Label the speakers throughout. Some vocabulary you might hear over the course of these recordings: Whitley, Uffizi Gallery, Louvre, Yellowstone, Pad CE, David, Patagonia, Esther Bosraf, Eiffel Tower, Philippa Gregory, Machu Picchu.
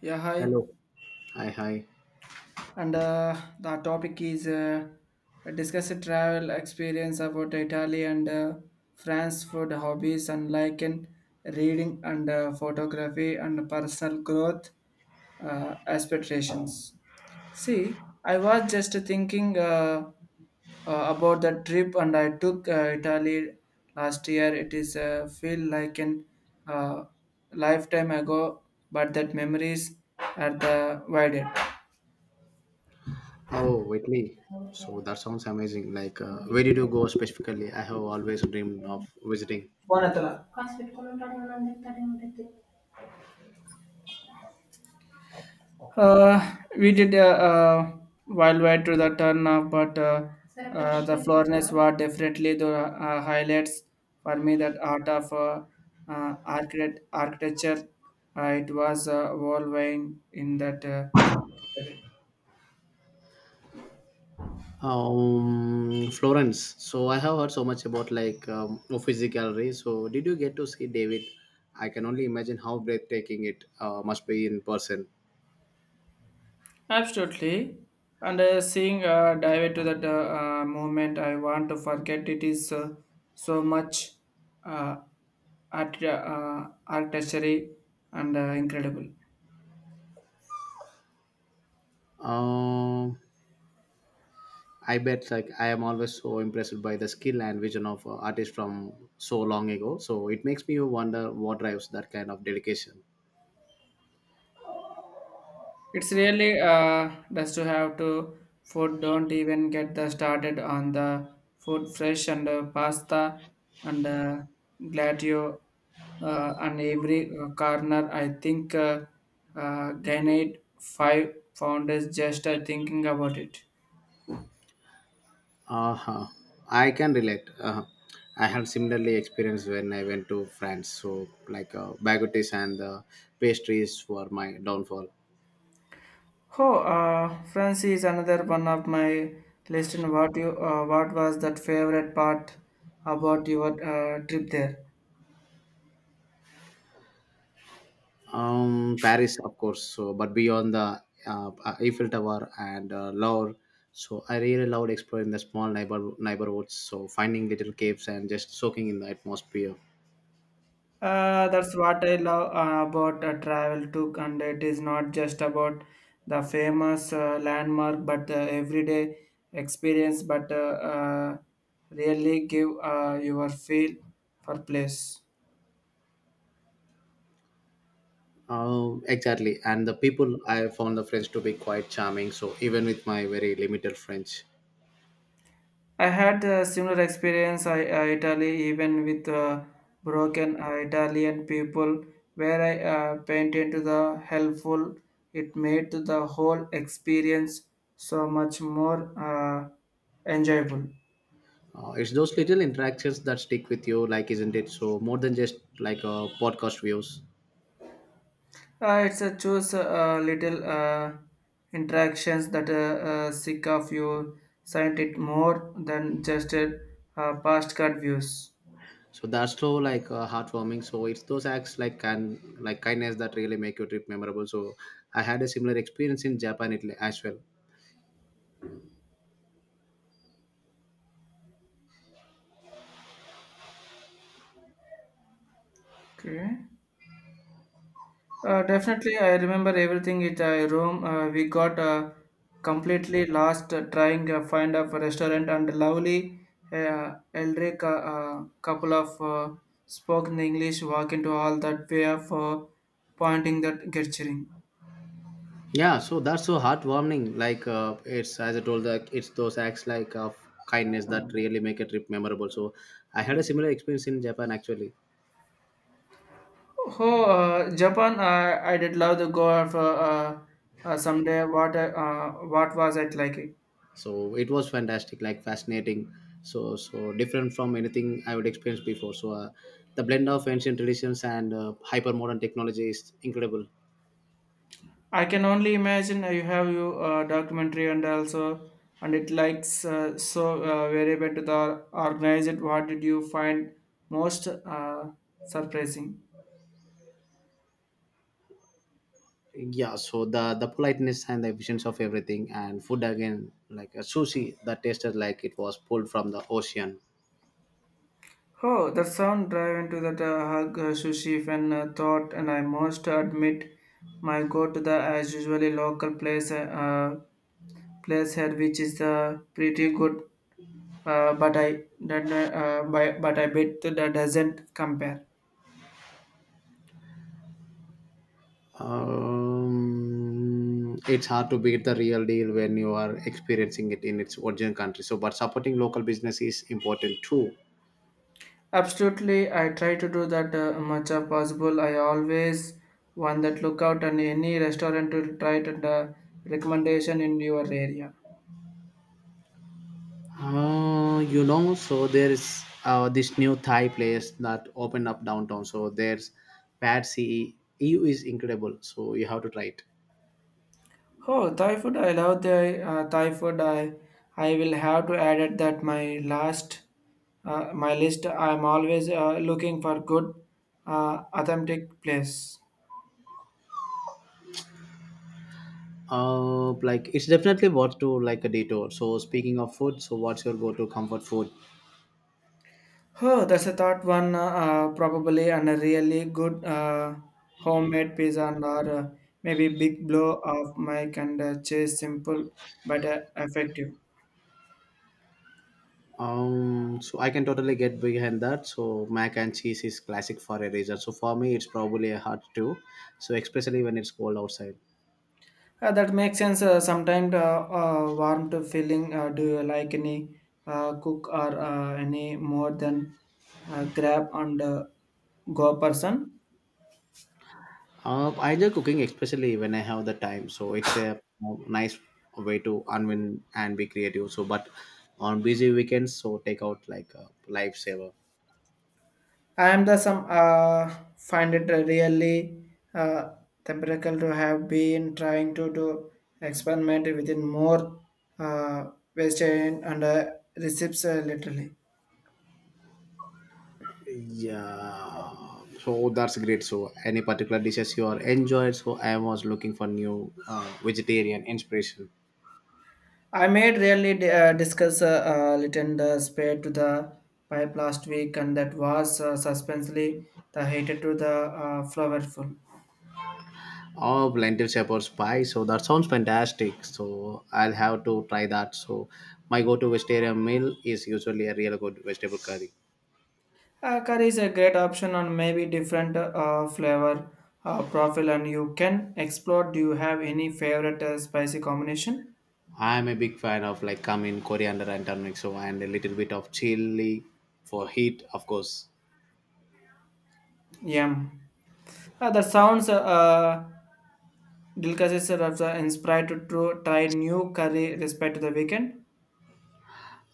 Speaker 1: Yeah, hi.
Speaker 2: Hello. Hi, hi.
Speaker 1: And the topic is discuss a travel experience about Italy and France, food, hobbies and like in reading and photography and personal growth aspirations. See, I was just thinking about the trip and I took Italy last year. It is feel like an uh, lifetime ago, but that memories are the widened.
Speaker 2: Oh, Whitley. So that sounds amazing. Like, where did you go specifically? I have always dreamed of visiting.
Speaker 1: Bonatala. We did a wild ride to the turn, but the Florence were definitely the highlights for me. That art of architecture, it was whirlwind in that.
Speaker 2: Florence. So I have heard so much about like Uffizi Gallery. So did you get to see David? I can only imagine how breathtaking it must be in person.
Speaker 1: Absolutely. And seeing dive into that moment, I want to forget it is so much uh, artistry and incredible.
Speaker 2: Um, I bet like I am always so impressed by the skill and vision of artists from so long ago. So it makes me wonder what drives that kind of dedication.
Speaker 1: It's really does to have to food. Don't even get the started on the food fresh and pasta and gladio and every corner. I think gained 5 pounds just thinking about it.
Speaker 2: Uh-huh. I can relate. Uh-huh. I have similarly experienced when I went to France. So, like, baguettes and pastries were my downfall.
Speaker 1: Oh, France is another one of my list. And what you, what was that favorite part about your trip there?
Speaker 2: Paris, of course. So, but beyond the Eiffel Tower and Louvre, so I really loved exploring the small neighborhoods. So, finding little caves and just soaking in the atmosphere.
Speaker 1: That's what I love about travel too, and it is not just about the famous landmark, but the everyday experience. But uh, really give your feel for place.
Speaker 2: Exactly. And the people, I found the French to be quite charming. So, even with my very limited French.
Speaker 1: I had a similar experience I, Italy, even with broken Italian people, where I painted to the helpful. It made to the whole experience so much more enjoyable.
Speaker 2: It's those little interactions that stick with you, like, isn't it? So more than just like podcast views.
Speaker 1: It's a choose little interactions that seek of you signed it more than just past card views.
Speaker 2: So that's so like heartwarming. So it's those acts like can like kindness that really make your trip memorable. So I had a similar experience in Japan Italy as well.
Speaker 1: Okay. Definitely, I remember everything in a room. We got completely lost trying to find a restaurant and lovely elderly couple of spoken English walk into all that way of pointing that gesturing.
Speaker 2: Yeah, so that's so heartwarming. Like it's as I told, like it's those acts like of kindness that really make a trip memorable. So I had a similar experience in Japan actually.
Speaker 1: Oh, Japan! I did love the go of someday. What was it like?
Speaker 2: So it was fantastic, like fascinating. So different from anything I would experience before. So the blend of ancient traditions and hyper modern technology is incredible.
Speaker 1: I can only imagine. You have you documentary and also and it likes so very better the organized. What did you find most surprising?
Speaker 2: Yeah, so the politeness and the efficiency of everything, and food again, like a sushi that tasted like it was pulled from the ocean.
Speaker 1: Oh, the sound drive into that hug, sushi, fan thought, and I must admit, my go to the as usually local place, place here, which is pretty good, but I bet that doesn't compare.
Speaker 2: It's hard to beat the real deal when you are experiencing it in its origin country, so but supporting local business is important too.
Speaker 1: Absolutely, I try to do that much as possible. I always want that lookout and any restaurant to try to the recommendation in your area.
Speaker 2: So there's this new Thai place that opened up downtown. So there's Pad CE. EU is incredible. So you have to try it.
Speaker 1: Oh, Thai food! I love the Thai food. I will have to add it that my last my list. I'm always looking for good authentic place.
Speaker 2: Like it's definitely worth to like a detour. So speaking of food, so what's your go-to comfort food?
Speaker 1: Oh, that's a thought one probably and a really good homemade pizza and or maybe big blow of my and chase simple but effective.
Speaker 2: So I can totally get behind that. So mac and cheese is classic for a reason. So for me, it's probably a hard too. So especially when it's cold outside.
Speaker 1: That makes sense. Sometimes warm to feeling. Do you like any cook or any more than grab and go person?
Speaker 2: I enjoy cooking, especially when I have the time. So it's a nice way to unwind and be creative. So, but on busy weekends, so take out like a lifesaver.
Speaker 1: I am the some find it really uh, temperature to have been trying to do experiment within more uh, waste and recipes literally.
Speaker 2: Yeah. So that's great. So any particular dishes you are enjoyed? So I was looking for new vegetarian inspiration.
Speaker 1: I made really di- discuss little the spare to the pipe last week, and that was suspensely the hated to the flavorful.
Speaker 2: Oh, lentil shepherd's pie. So that sounds fantastic. So I'll have to try that. So my go-to vegetarian meal is usually a real good vegetable curry.
Speaker 1: Curry is a great option on maybe different flavor profile, and you can explore. Do you have any favorite spicy combination?
Speaker 2: I'm a big fan of like cumin, coriander, and turmeric. So and a little bit of chili for heat, of course.
Speaker 1: Yum. That sounds delicious. Inspired to try new curry respect to the weekend.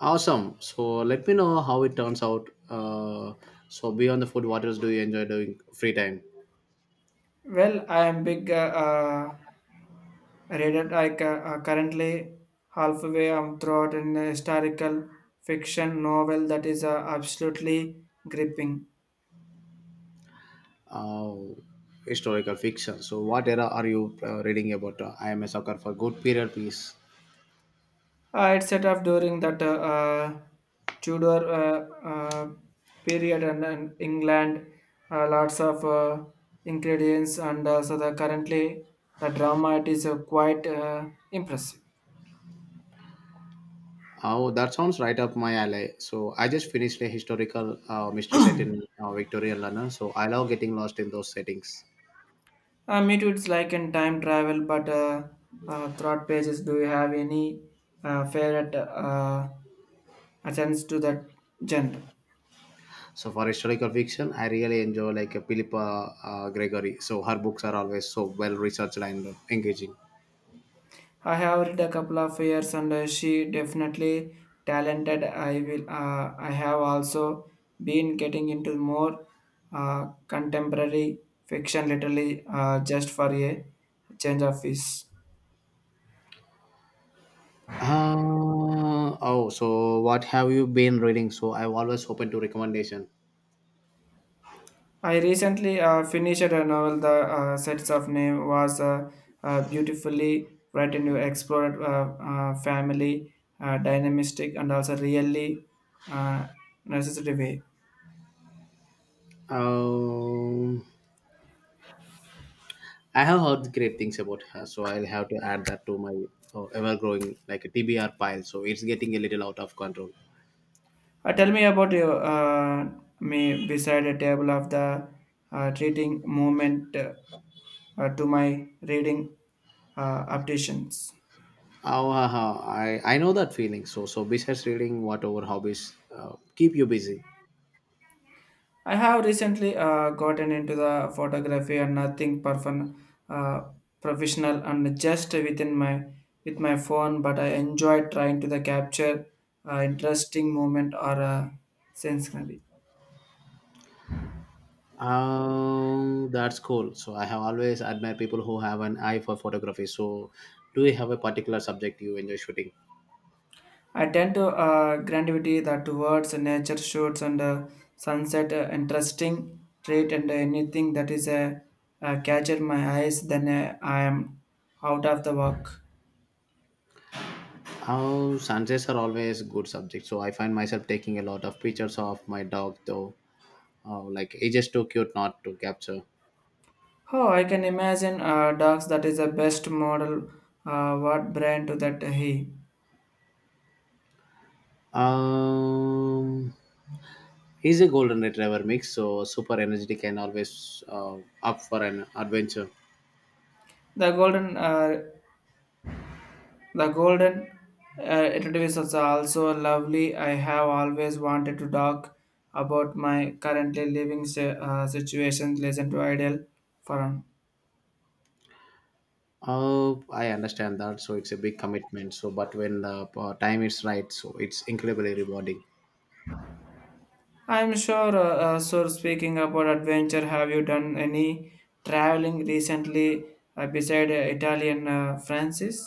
Speaker 2: Awesome. So let me know how it turns out. So beyond the food, what else do you enjoy doing free time?
Speaker 1: Well, I am big. I read it like currently halfway throughout an historical fiction novel that is absolutely gripping.
Speaker 2: Uh, historical fiction. So what era are you reading about? I am a sucker for good period piece.
Speaker 1: It set off during that Tudor period and England, lots of ingredients, and so the currently the drama it is quite impressive.
Speaker 2: Oh, that sounds right up my alley. So I just finished a historical mystery set in Victorian London. So I love getting lost in those settings.
Speaker 1: Me too. It's like in time travel, but throughout pages. Do you have any favorite attends to that genre.
Speaker 2: So for historical fiction, I really enjoy like Philippa Gregory. So her books are always so well researched and engaging.
Speaker 1: I have read a couple of years, and she definitely talented. I will. I have also been getting into more contemporary fiction, literally just for a change of pace.
Speaker 2: Oh, so what have you been reading? So I'm always open to recommendation.
Speaker 1: I recently finished a novel. The sets of name was beautifully written. You explored family dynamistic and also really uh, necessary way.
Speaker 2: Um, I have heard great things about her, so I'll have to add that to my ever-growing like a TBR pile. So it's getting a little out of control.
Speaker 1: Tell me about your me beside a table of the treating movement to my reading updations.
Speaker 2: Oh, haha, I know that feeling. So besides reading, what other hobbies keep you busy?
Speaker 1: I have recently gotten into the photography and nothing perfect, uh, professional and just within my with my phone, but I enjoy trying to the capture interesting moment or scenery.
Speaker 2: That's cool. So I have always admired people who have an eye for photography. So do you have a particular subject you enjoy shooting?
Speaker 1: I tend to grantivity that towards nature shoots and sunset interesting trait and anything that is a catcher my eyes then I am out of the work.
Speaker 2: Oh, sunsets are always good subject. So I find myself taking a lot of pictures of my dog though. Oh, like it's just too cute not to capture.
Speaker 1: Oh, I can imagine dogs that is the best model what brand to that he.
Speaker 2: Um, he's a golden retriever mix, so super energetic and always up for an adventure.
Speaker 1: The golden uh, the golden retriever is also lovely. I have always wanted to talk about my currently living situation listen to ideal forum.
Speaker 2: I understand that. So it's a big commitment. So, but when the time is right, so it's incredibly rewarding.
Speaker 1: I'm sure. So, speaking about adventure, have you done any traveling recently beside Italian Francis?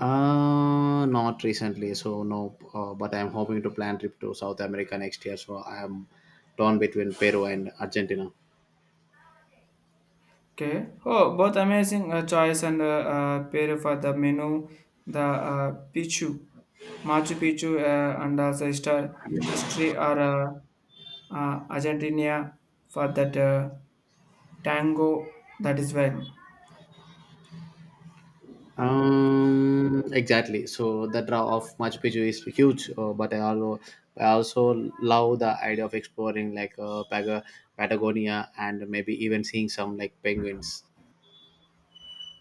Speaker 2: Not recently. So no. But I'm hoping to plan trip to South America next year. So I am torn between Peru and Argentina.
Speaker 1: Okay. Oh, both amazing choice and pair for the menu, the Machu Picchu, and also history or Argentina for that tango. That is well.
Speaker 2: Exactly. So the draw of Machu Picchu is huge. But I also love the idea of exploring like Patagonia and maybe even seeing some like penguins.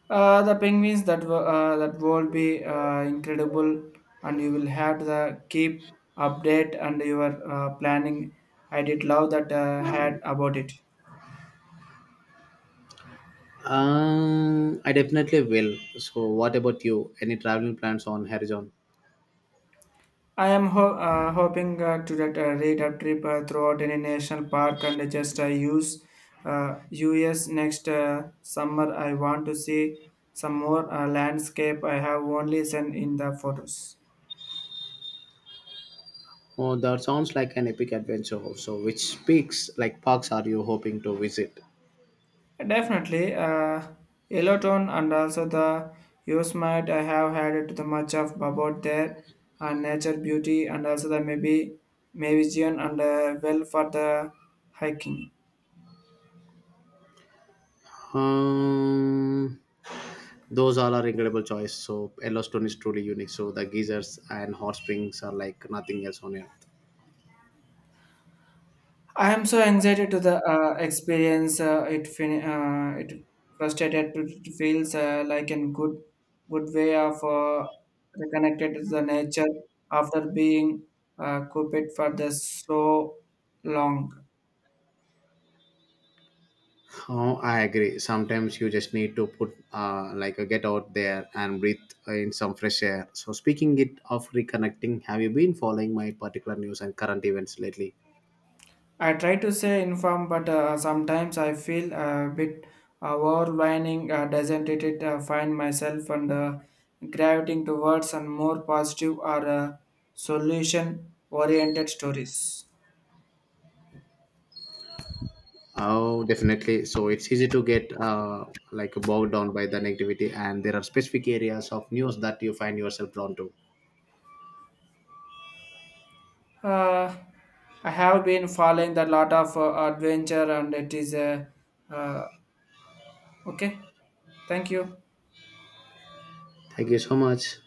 Speaker 1: The penguins that that will be incredible, and you will have the keep update and your planning. I did love that had about it.
Speaker 2: I definitely will. So, what about you? Any traveling plans on horizon?
Speaker 1: I am hoping to that read a trip throughout any national park and just use US next summer. I want to see some more landscape I have only seen in the photos.
Speaker 2: Oh, that sounds like an epic adventure. So, which peaks, like parks, are you hoping to visit?
Speaker 1: Definitely, yellow tone and also the Yosemite. I have had it too much of about their and nature beauty and also the maybe Mavision and well for the hiking.
Speaker 2: Um, those all are incredible choice. So, Yellowstone is truly unique. So, the geysers and hot springs are like nothing else on earth.
Speaker 1: I am so excited to the experience. It frustrated to it feels like a good way of reconnected to the nature after being cooped for the so long.
Speaker 2: Oh, I agree. Sometimes you just need to put, like, get out there and breathe in some fresh air. So, speaking it of reconnecting, have you been following my particular news and current events lately?
Speaker 1: I try to stay informed, but sometimes I feel a bit overwhelming, doesn't it? It find myself and gravitating towards and more positive or solution-oriented stories.
Speaker 2: Oh, definitely. So it's easy to get like bogged down by the negativity, and there are specific areas of news that you find yourself drawn to.
Speaker 1: Uh, I have been following a lot of adventure, and it is uh, okay. Thank you.
Speaker 2: Thank you so much.